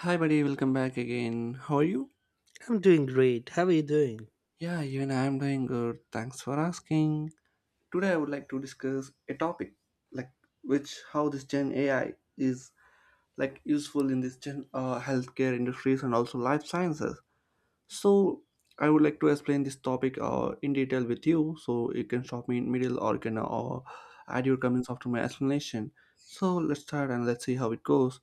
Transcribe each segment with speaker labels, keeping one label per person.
Speaker 1: Hi, buddy, welcome back again. How are you?
Speaker 2: I'm doing great. How are you doing?
Speaker 1: Yeah, even I'm doing good. Thanks for asking. Today, I would like to discuss a topic like which how this Gen AI is useful in this Gen healthcare industries and also life sciences. So, I would like to explain this topic in detail with you, so you can stop me in middle or you can add your comments after my explanation. So let's start and let's see how it goes.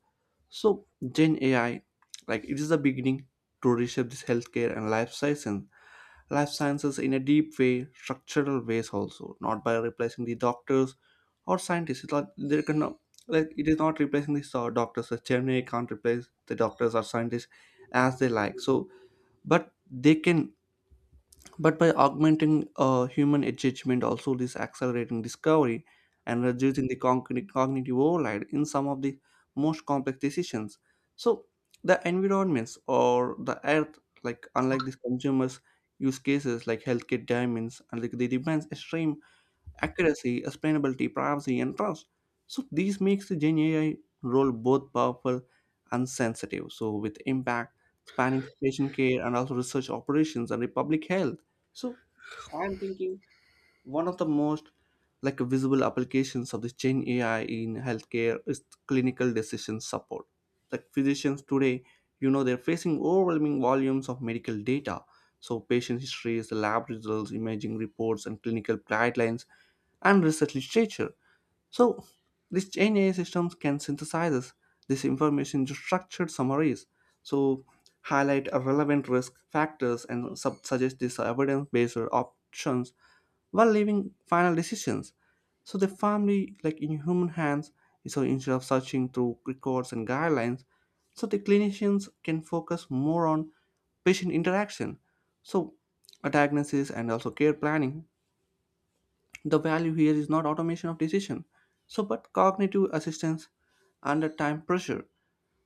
Speaker 1: So Gen AI, it is the beginning to reshape this healthcare and life sciences in a deep way, structural ways also, not by replacing the doctors or scientists. It is not replacing the doctors. The Gen AI can't replace the doctors or scientists as they like. So, but they can but by augmenting human engagement, also this accelerating discovery and reducing the cognitive overload in some of the most complex decisions. So the environments or the earth, like unlike these consumers use cases like healthcare diamonds and like they demands extreme accuracy, explainability, privacy, and trust. So these makes the Gen AI role both powerful and sensitive. So with impact spanning patient care and also research operations and the public health. So I'm thinking one of the most visible applications of this Gen AI in healthcare is clinical decision support. Like physicians today, they're facing overwhelming volumes of medical data. So patient histories, lab results, imaging reports, and clinical guidelines and research literature. So, these Gen AI systems can synthesize this information into structured summaries. So, highlight a relevant risk factors and suggest these evidence-based options while leaving final decisions. So the family, like in human hands, so instead of searching through records and guidelines, so the clinicians can focus more on patient interaction. So a diagnosis and also care planning, the value here is not automation of decision, so but cognitive assistance under time pressure.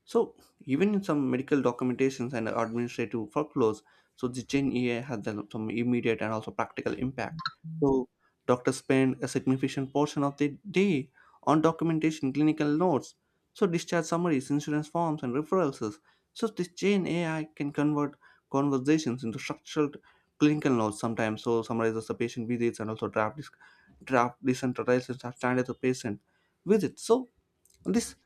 Speaker 1: So even in some medical documentations and administrative workflows, so the Gen AI had some immediate and also practical impact. So doctors spend a significant portion of their day on documentation, clinical notes, so discharge summaries, insurance forms, and referrals. So this Gen AI can convert conversations into structured clinical notes sometimes. So summarizes the patient visits and also draft decentralized standard of patient visits. So this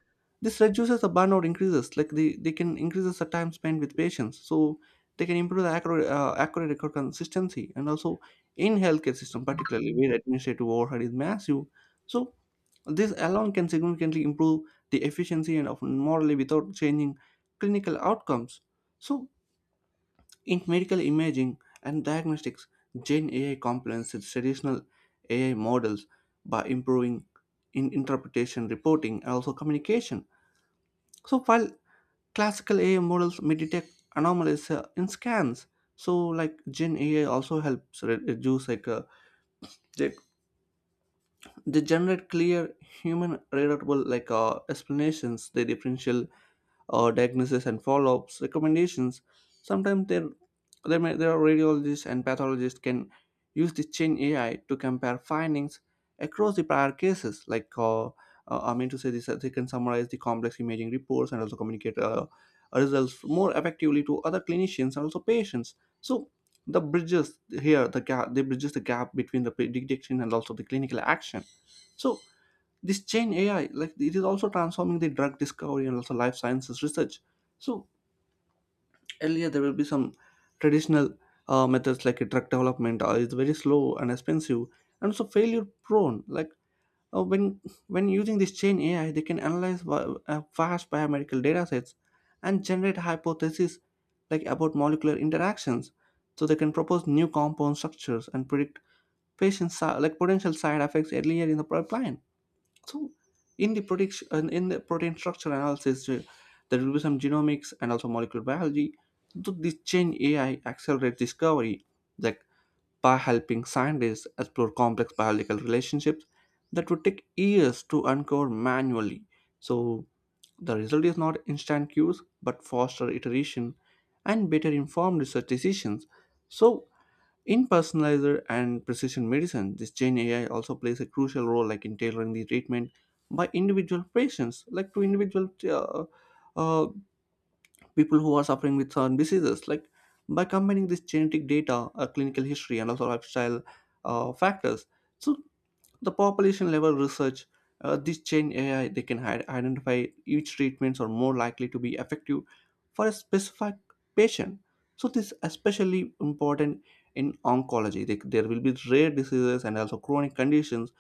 Speaker 1: this reduces the burnout, increases like they can increases the time spent with patients, so they can improve the accurate record consistency and also in healthcare system, particularly where administrative overhead is massive, so this alone can significantly improve the efficiency and often morally without changing clinical outcomes. So in medical imaging and diagnostics, Gen AI complements traditional AI models by improving in interpretation, reporting, and also communication. So while classical AI models may detect anomalies in scans, so like Gen AI also helps reduce like they, they generate clear human readable explanations, the differential diagnosis and follow-ups recommendations. Sometimes there are radiologists and pathologists can use this chain AI to compare findings across the prior cases. Like I mean to say this, they can summarize the complex imaging reports and also communicate results more effectively to other clinicians and also patients. So they bridges the gap between the prediction and also the clinical action. So this chain AI, like it is also transforming the drug discovery and also life sciences research. So earlier there will be some traditional methods like a drug development is very slow and expensive and so failure prone. Like uh, when when using this chain AI, they can analyze vast biomedical data sets and generate hypotheses like about molecular interactions. So they can propose new compound structures and predict patient si- like potential side effects earlier in the pipeline. So in the protein structure analysis, there will be some genomics and also molecular biology. So this change AI accelerates discovery, like by helping scientists explore complex biological relationships that would take years to uncover manually. So the result is not instant cues, but faster iteration and better informed research decisions. So in personalizer and precision medicine, this Gen AI also plays a crucial role like in tailoring the treatment by individual patients, like to individual uh, people who are suffering with certain diseases. Like by combining this genetic data, clinical history, and also lifestyle factors, so the population level research, this chain AI, they can identify each treatments are more likely to be effective for a specific patient. So this is especially important in oncology. There will be rare diseases and also chronic conditions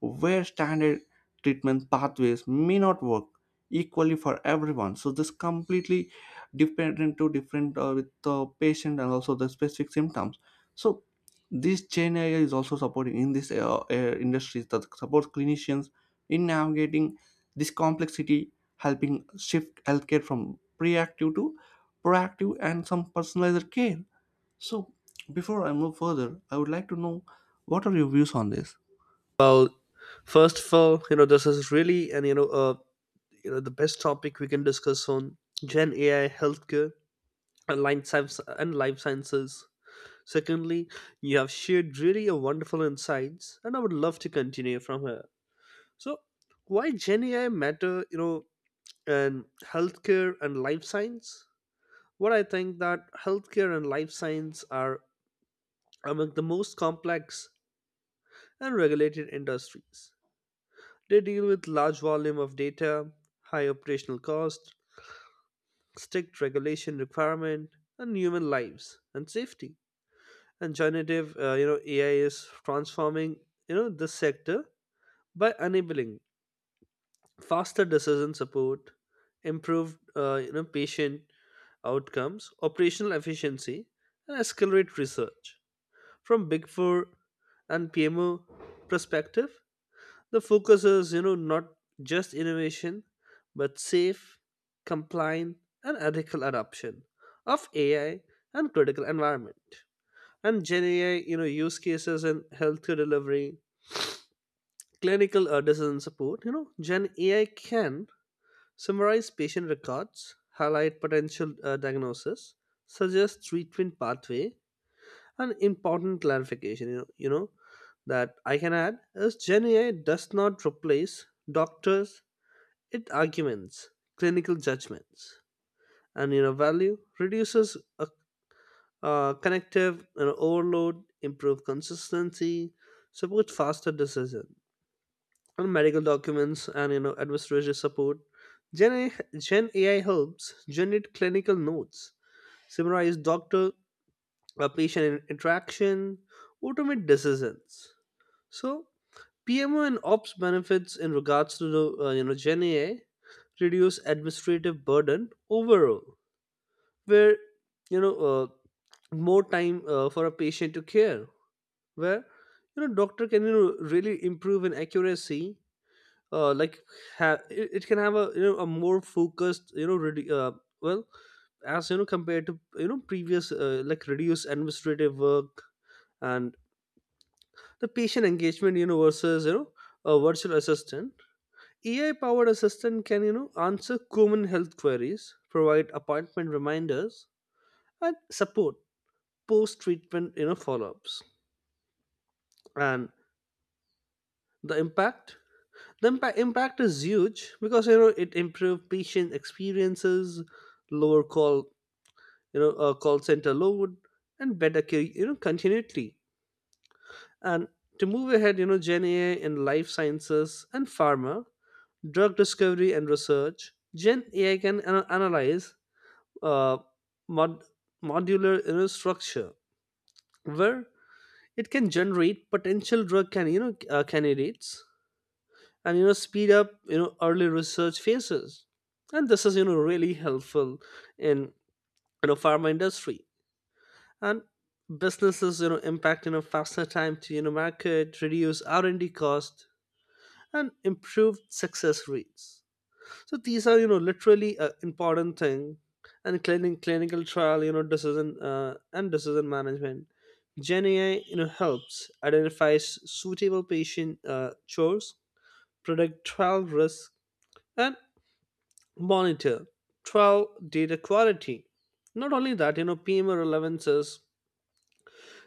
Speaker 1: where standard treatment pathways may not work equally for everyone, so this completely dependent to different with the patient and also the specific symptoms. So this chain area is also supporting in this industries that supports clinicians in navigating this complexity, helping shift healthcare from reactive to proactive and some personalized care. So before I move further, I would like to know what are your views on this.
Speaker 2: Well, first of all, this is really and the best topic we can discuss on Gen AI, healthcare, and life sciences. Secondly, you have shared really a wonderful insights, and I would love to continue from here. So, why Gen AI matter? And healthcare and life science. What I think that healthcare and life science are among the most complex and regulated industries. They deal with large volume of data, high operational cost, strict regulation requirement, and human lives and safety. And generative AI is transforming, this sector by enabling faster decision support, improved, patient outcomes, operational efficiency, and accelerate research. From Big Four and PMO perspective, the focus is, not just innovation, but safe, compliant, and ethical adoption of AI and critical environment. And Gen AI, use cases in healthcare delivery, clinical decision support. Gen AI can summarize patient records, highlight potential diagnosis, suggest treatment pathway, and important clarification. You know that I can add is Gen AI does not replace doctors, it arguments clinical judgments, and value reduces a, connective overload, improve consistency, support faster decision. And medical documents and administrative support. Gen AI helps generate clinical notes, summarize doctor patient interaction, automate decisions. So PMO and ops benefits in regards to the Gen AI reduce administrative burden overall, where you know uh, more time for a patient to care, where doctor can really improve in accuracy. Like it can have a a more focused well, as compared to previous like reduced administrative work. And the patient engagement versus a virtual assistant. AI powered assistant can, answer common health queries, provide appointment reminders, and support post treatment, follow ups. And the impact? The impact is huge because, it improves patient experiences, lower call, call center load, and better care, continuity. And to move ahead, Gen AI in life sciences and pharma, drug discovery and research, Gen AI can analyze uh, mod- modular structure, where it can generate potential drug can candidates, and speed up early research phases, and this is really helpful in pharma industry. And businesses impact, faster time to market, reduce R&D cost and improve success rates. So these are, literally important thing. And clinical trial, you know, decision and decision management. Gen AI, helps identifies suitable patient chores, predict trial risk, and monitor trial data quality. Not only that, PMO relevances,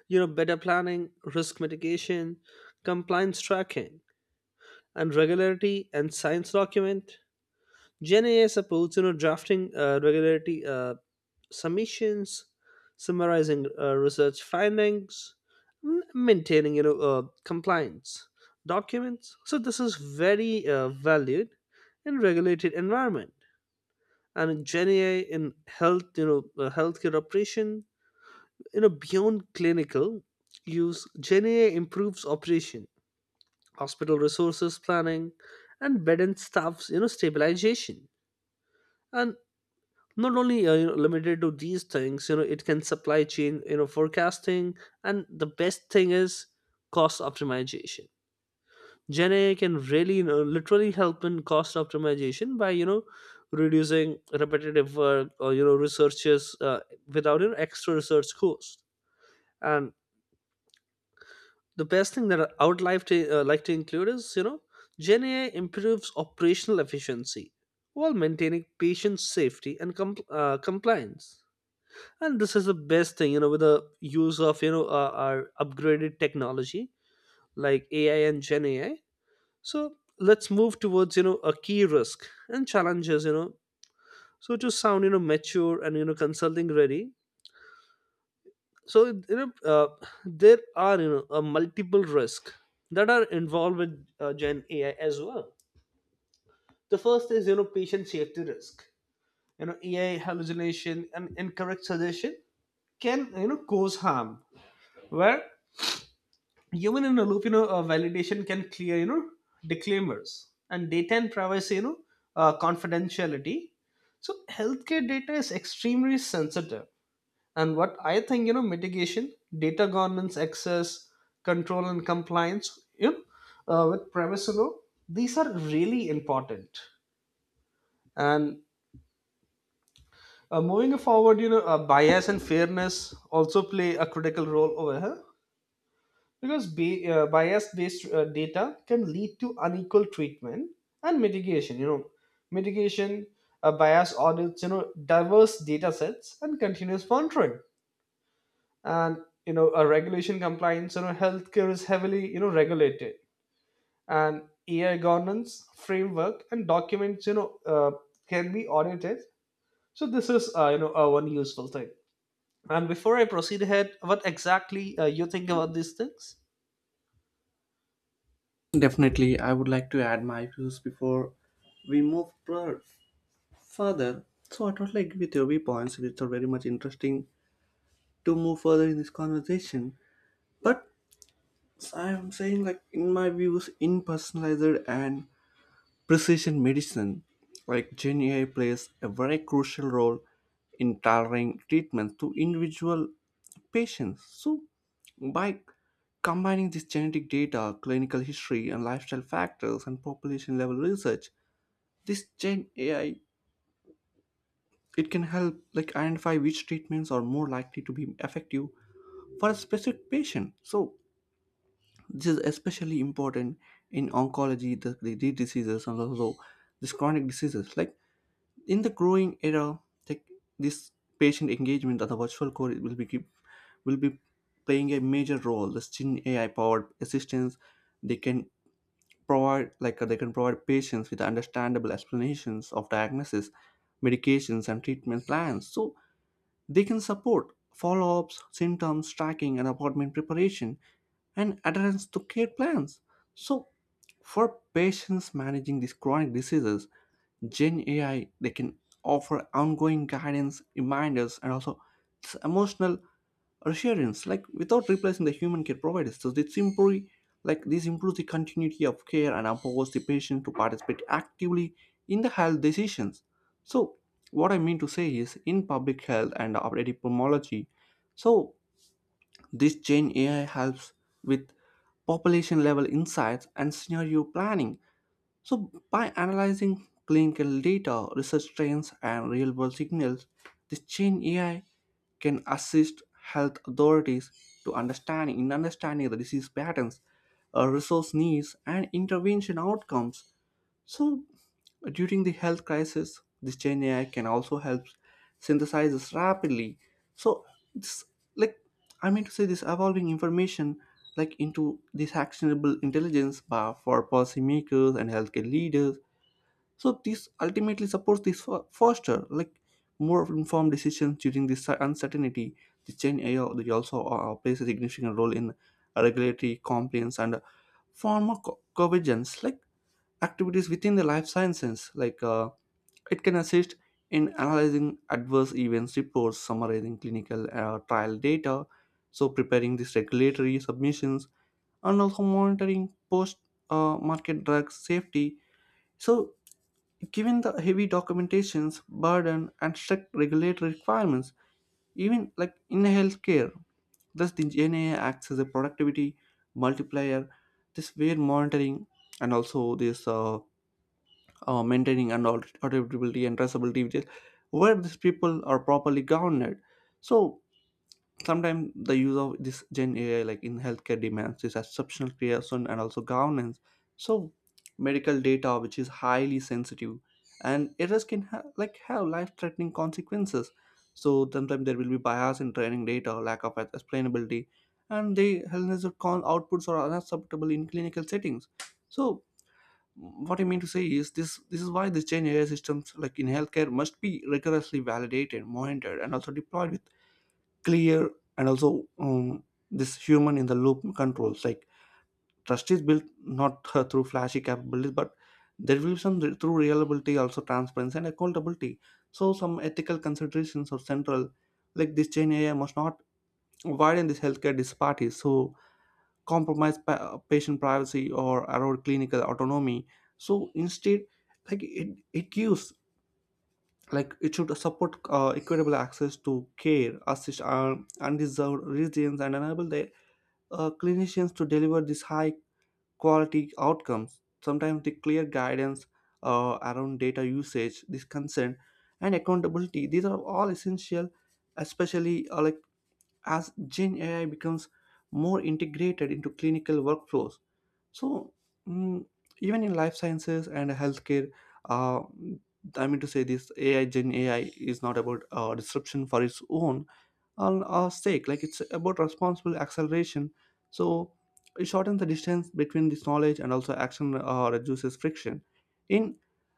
Speaker 2: better planning, risk mitigation, compliance tracking, and regularity and science document. Gen AI supports drafting regularity submissions, summarizing research findings, maintaining compliance documents. So this is very valued in regulated environment. And Gen AI in health, healthcare operation, beyond clinical use, Gen AI improves operation, hospital resources planning, and bed and staffs, stabilization. And not only limited to these things, it can supply chain forecasting. And the best thing is cost optimization. Gen AI can really literally help in cost optimization by reducing repetitive work, or researches, without extra research cost. And the best thing that I would like to include is, Gen AI improves operational efficiency while maintaining patient safety and compliance. And this is the best thing, with the use of our upgraded technology like AI and Gen AI. So let's move towards, a key risk and challenges, so to sound mature and consulting ready. So there are, a multiple risk that are involved with Gen AI as well. The first is, patient safety risk. AI hallucination and incorrect suggestion can cause harm, where human in a loop, validation can clear disclaimers, and data and privacy, confidentiality. So healthcare data is extremely sensitive. And what I think, mitigation, data governance, access control and compliance, with privacy law, these are really important. And moving forward, bias and fairness also play a critical role over here, because bias based data can lead to unequal treatment. And mitigation, bias audits, diverse data sets, and continuous monitoring. And a regulation compliance, healthcare is heavily regulated. And AI governance framework and documents, can be audited. So this is, one useful thing. And before I proceed ahead, what exactly you think about these things?
Speaker 1: Definitely, I would like to add my views before we further. So, I totally agree with your viewpoints. It's are very much interesting to move further in this conversation. But I am saying, like, in my views, impersonalized and precision medicine, like Gen AI, plays a very crucial role in tailoring treatments to individual patients. So, by combining this genetic data, clinical history, and lifestyle factors, and population level research, this Gen AI, it can help like identify which treatments are more likely to be effective for a specific patient. So, this is especially important in oncology, the diseases, and also these chronic diseases like in the growing era, tech, this patient engagement of the virtual core will be will be playing a major role. The Shin AI powered assistants they can provide patients with understandable explanations of diagnosis, medications, and treatment plans. So they can support follow-ups, symptoms tracking, and appointment preparation and adherence to care plans. So for patients managing these chronic diseases, Gen AI, they can offer ongoing guidance, reminders, and also this emotional reassurance, like without replacing the human care providers. So this improves the continuity of care and empowers the patient to participate actively in the health decisions. So what I mean to say is, in public health and epidemiology, so this Gen AI helps with population level insights and scenario planning, so by analyzing clinical data, research trends, and real world signals, this chain AI can assist health authorities to understanding the disease patterns, resource needs, and intervention outcomes. So, during the health crisis, this Gen AI can also help synthesizes rapidly. So, this, like I mean to say, this evolving information like into this actionable intelligence bar for policymakers and healthcare leaders. So, this ultimately supports this foster like more informed decisions during this uncertainty. The Gen AI, they also plays a significant role in regulatory compliance and pharmacovigilance. Like activities within the life sciences, it can assist in analyzing adverse events reports, summarizing clinical trial data, so preparing these regulatory submissions and also monitoring post market drug safety. So given the heavy documentations burden and strict regulatory requirements even like in healthcare, thus the GNA acts as a productivity multiplier, this weird monitoring and also this maintaining and auditability and traceability, which is where these people are properly governed. So sometimes the use of this Gen AI like in healthcare demands this exceptional creation and also governance. So medical data which is highly sensitive, and errors can have life-threatening consequences. So sometimes there will be bias in training data, lack of explainability, and the health hazard con outputs are unacceptable in clinical settings. So what I mean to say is this is why this Gen AI systems like in healthcare must be rigorously validated, monitored, and also deployed with clear and also this human in the loop controls. Like trust is built not through flashy capabilities, but there will be some through reliability, also transparency and accountability. So some ethical considerations are central. Like this Gen AI must not widen this healthcare disparities. So compromise patient privacy or erode clinical autonomy, so instead like it gives like it should support equitable access to care, assist undeserved regions, and enable the clinicians to deliver these high quality outcomes. Sometimes the clear guidance around data usage, this consent and accountability, these are all essential, especially like as gen ai becomes more integrated into clinical workflows. so, mm, Even in life sciences and healthcare, uh, I mean to say, this AI, Gen AI is not about disruption for its own, on our stake. Like, it's about responsible acceleration, so it shortens the distance between this knowledge and also action, reduces friction in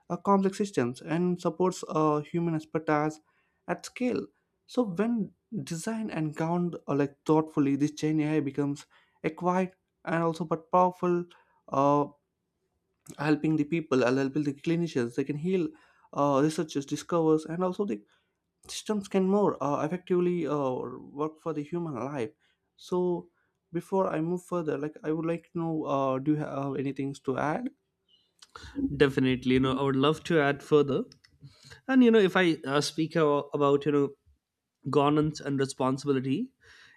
Speaker 1: complex systems, and supports human expertise at scale. So when designed and governed like thoughtfully, this chain ai becomes a quiet and also but powerful, uh, helping the clinicians. They can heal, researchers discovers, and also they systems can more effectively work for the human life. So before I move further, like, I would like to know, do you have anything to add?
Speaker 2: Definitely, I would love to add further. And if I speak about, governance and responsibility,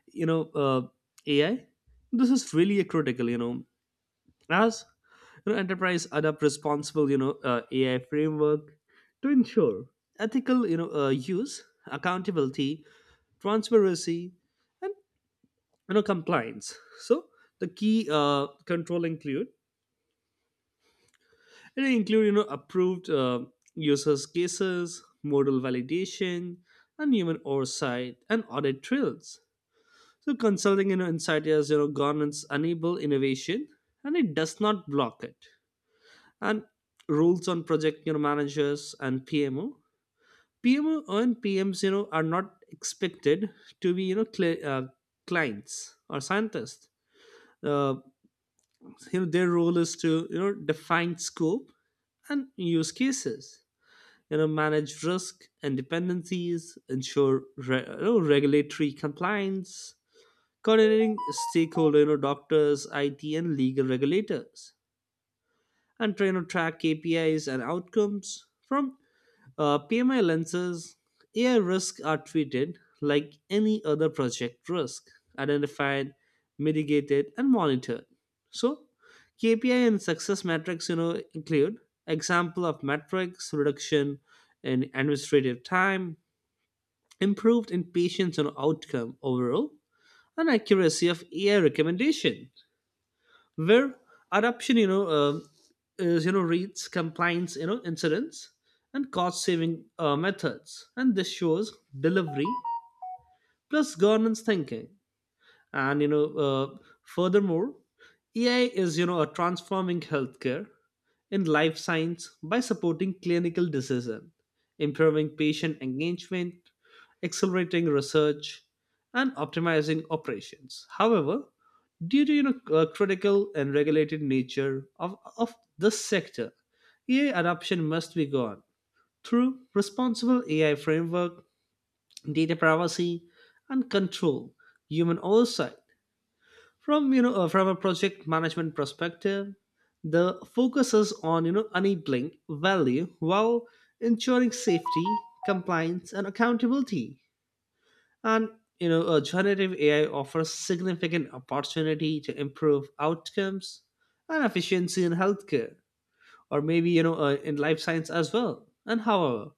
Speaker 2: you know, uh, AI, this is really a critical. As enterprise adopt responsible AI framework to ensure ethical use, accountability, transparency, and compliance. So the key control include. It they include, approved users cases, modal validation, and human oversight and audit trails. So consulting, insight is, governance enable innovation, and it does not block it. And rules on project, managers and PMO. PMO and PMs, are not expected to be, clients or scientists. Uh, their role is to, define scope and use cases, manage risk and dependencies, ensure regulatory compliance, coordinating stakeholder, doctors, IT, and legal regulators, and train to track KPIs and outcomes from PMI lenses. AI risks are treated like any other project risk, identified, mitigated, and monitored. So, KPI and success metrics, include example of metrics reduction in administrative time, improved in patients and outcome overall, and accuracy of AI recommendation, where adoption is rates, compliance incidents, and cost saving methods. And this shows delivery plus governance thinking. And furthermore, AI is, a transforming healthcare in life science by supporting clinical decision, improving patient engagement, accelerating research, and optimizing operations. However, due to critical and regulated nature of this sector, AI adoption must be gone through responsible AI framework, data privacy and control, human oversight. From you know From a project management perspective, the focus is on enabling value while ensuring safety, compliance, and accountability. And generative AI offers significant opportunity to improve outcomes and efficiency in healthcare, or maybe in life science as well. And however,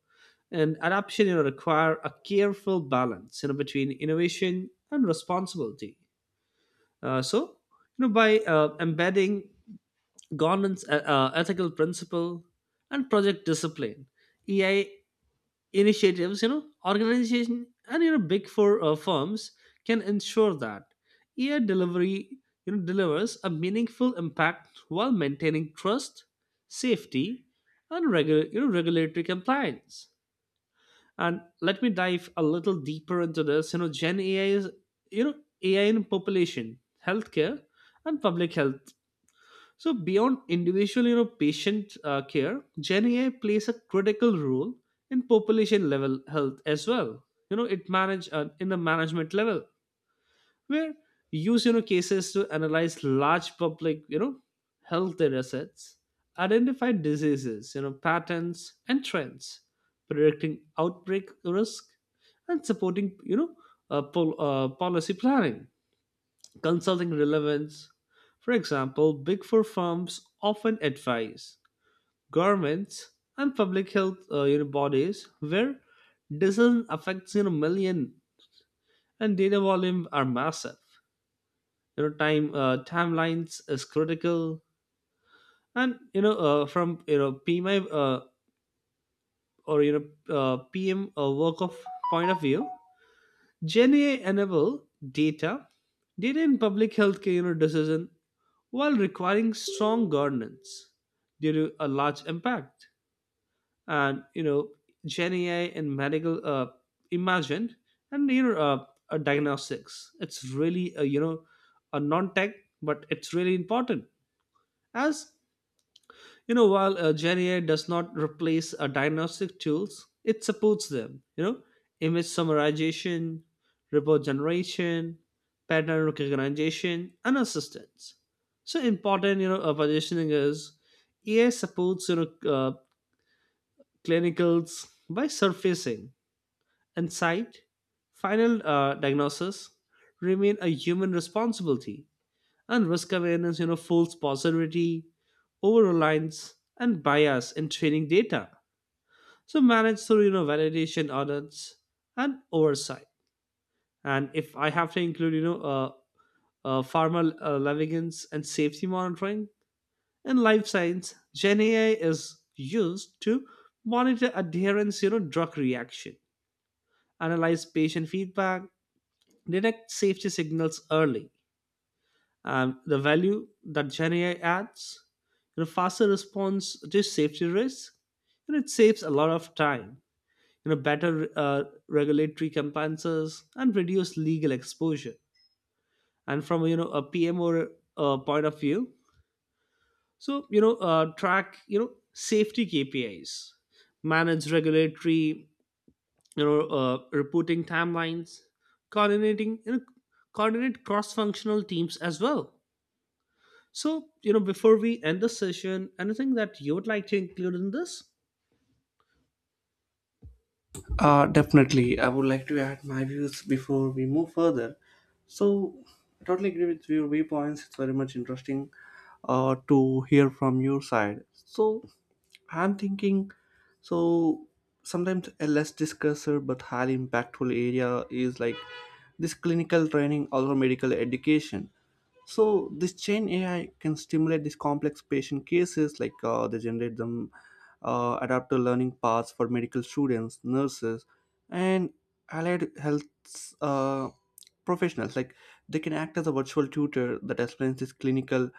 Speaker 2: and adoption, require a careful balance between innovation and responsibility. So, by embedding governance, ethical principle, and project discipline, EI initiatives, organization and big four firms, can ensure that EI delivery, delivers a meaningful impact while maintaining trust, safety, and regulatory compliance. And let me dive a little deeper into this. Gen AI is, you know, AI in population, healthcare, and public health. So beyond individual, patient care, Gen AI plays a critical role in population level health as well. It manage in the management level, where use, cases to analyze large public, health data sets, identify diseases, patterns and trends, predicting outbreak risk, and supporting, policy planning, consulting relevance. For example, big four firms often advise governments and public health, bodies, where decision affects million, and data volume are massive. Timelines is critical. And from you know pmi uh, or you know pm work of point of view, Gen AI enable data data in public healthcare, decision, while requiring strong governance due to a large impact. And Gen AI in medical imagine, and diagnostics, it's really a, a non-tech, but it's really important. As while Gen AI does not replace diagnostic tools, it supports them. Image summarization, report generation, pattern recognition, and assistance. So important, positioning is AI supports, clinicals by surfacing and insight, final diagnosis remain a human responsibility. And risk awareness, false positivity, over reliance, and bias in training data. So managed through validation audits and oversight. And if I have to include, pharma levigance and safety monitoring in life science, Gen AI is used to monitor adherence, drug reaction, analyze patient feedback, detect safety signals early. And the value that GenAI adds, faster response to safety risk, and it saves a lot of time. Better regulatory compliances and reduce legal exposure. And from, a PMO, point of view. So track, safety KPIs, manage regulatory reporting timelines, coordinating you know coordinate cross functional teams as well. So, before we end the session, anything that you would like to include in this?
Speaker 1: Definitely, I would like to add my views before we move further. So I totally agree with your viewpoints. It's very much interesting to hear from your side. So I'm thinking, so sometimes a less discussed but highly impactful area is like this clinical training or medical education. So this chain AI can stimulate these complex patient cases, like, they generate them, adapt to learning paths for medical students, nurses, and allied health uh, professionals. Like, they can act as a virtual tutor that explains this clinical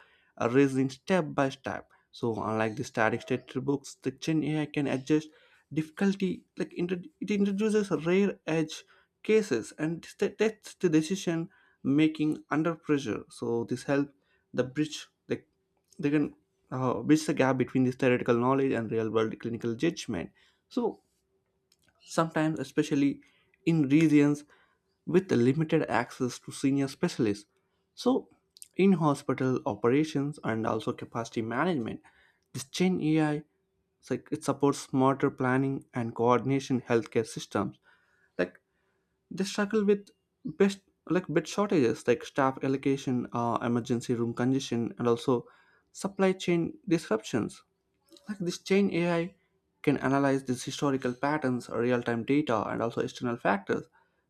Speaker 1: reasoning step by step. So unlike the static textbooks, the gen ai can adjust difficulty, like it introduces rare edge cases, and tests the decision making under pressure. So this helps the bridge. Like, they can bridge the gap between this theoretical knowledge and real world clinical judgment. So sometimes, especially in regions with limited access to senior specialists. So in hospital operations and also capacity management, this Gen AI, it's like it supports smarter planning and coordination healthcare systems. Like, they struggle with best, like bed shortages, like staff allocation, emergency room congestion, and also supply chain disruptions. Like, this chain AI can analyze these historical patterns, real-time data, and also external factors.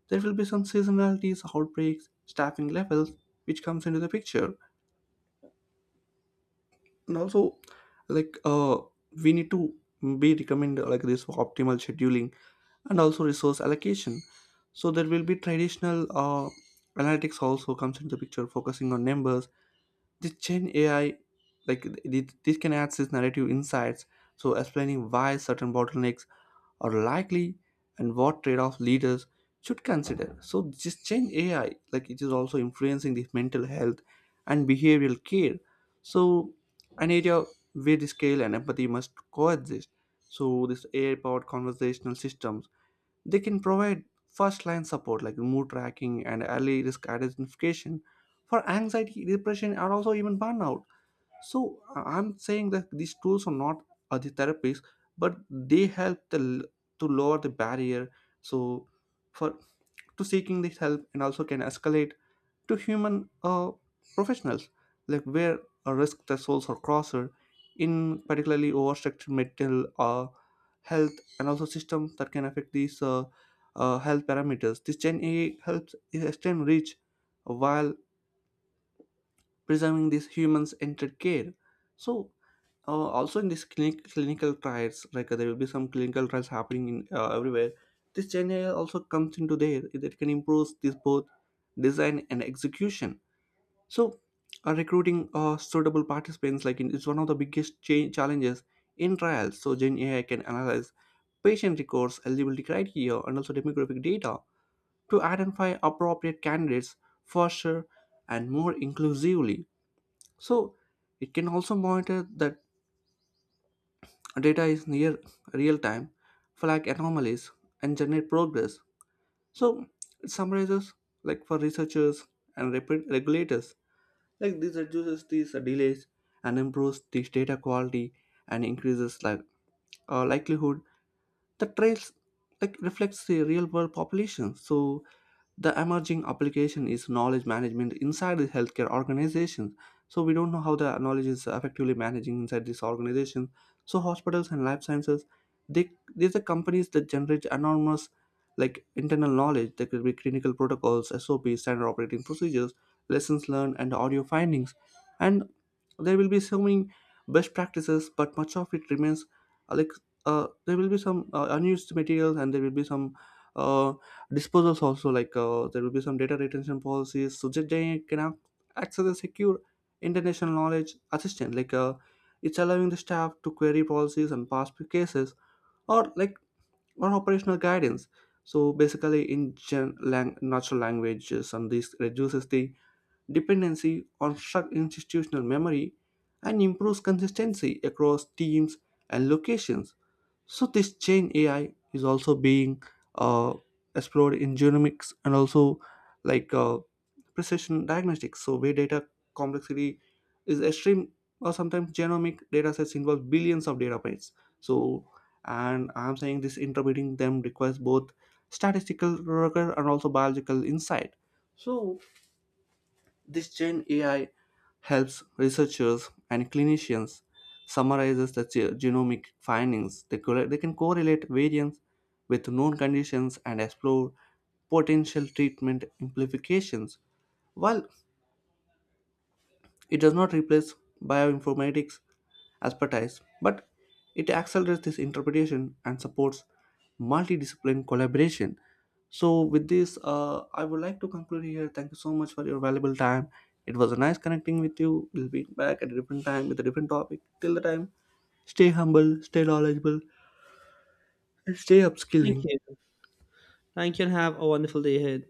Speaker 1: There will be some seasonalities, outbreaks, staffing levels, which comes into the picture. And also, like uh, we need to be recommend like this for optimal scheduling and also resource allocation. So there will be traditional analytics also comes into the picture, focusing on numbers. This chain AI, like, this can add this narrative insights, so explaining why certain bottlenecks are likely and what trade-off leaders should consider. So this change ai, like, it is also influencing the mental health and behavioral care. So an area where the scale and empathy must coexist. So this ai powered conversational systems, they can provide first line support like mood tracking and early risk identification for anxiety, depression, and also even burnout. So I'm saying that these tools are not are the therapies, but they help to lower the barrier. So for to seeking this help, and also can escalate to human professionals, like where a risk thresholds are crosser, in particularly overstructured mental health and also systems that can affect these health parameters. This Gen A helps extend reach while preserving these humans' entered care. So also in this clinical trials, like, there will be some clinical trials happening in everywhere. This gen AI also comes into there, that can improve this both design and execution. So recruiting suitable participants like in, is one of the biggest challenges in trials. So gen ai can analyze patient records, eligibility criteria, and also demographic data to identify appropriate candidates faster and more inclusively. So it can also monitor the data is near real time, flag anomalies, and generate progress. So it summarizes, like, for researchers and regulators. Like, this reduces these delays and improves this data quality and increases like likelihood the trails like reflects the real world population. So the emerging application is knowledge management inside the healthcare organizations. So we don't know how the knowledge is effectively managing inside this organization. So hospitals and life sciences, they, these are companies that generate enormous like internal knowledge. There could be clinical protocols, SOPs, standard operating procedures, lessons learned, and audio findings. And there will be so many best practices, but much of it remains like, there will be some unused materials, and there will be some uh, disposals also. Like, there will be some data retention policies, so that they can access a secure international knowledge assistant. Like, it's allowing the staff to query policies and past cases, or like, or operational guidance. So basically in natural languages, and this reduces the dependency on struck institutional memory and improves consistency across teams and locations. So this chain AI is also being uh, explored in genomics and also like uh, precision diagnostics. So where data complexity is extreme, or sometimes genomic data sets involve billions of data points. So, and I'm saying, this interpreting them requires both statistical rigor and also biological insight. So this chain AI helps researchers and clinicians summarizes the genomic findings. They, they can correlate variants with known conditions, and explore potential treatment implications, while it does not replace bioinformatics expertise, but it accelerates this interpretation and supports multidiscipline collaboration. So with this, I would like to conclude here. Thank you so much for your valuable time. It was a nice connecting with you. We'll be back at a different time with a different topic. Till the time, stay humble, stay knowledgeable, and stay
Speaker 2: Thank
Speaker 1: upskilling.
Speaker 2: you. Thank you and have a wonderful day ahead.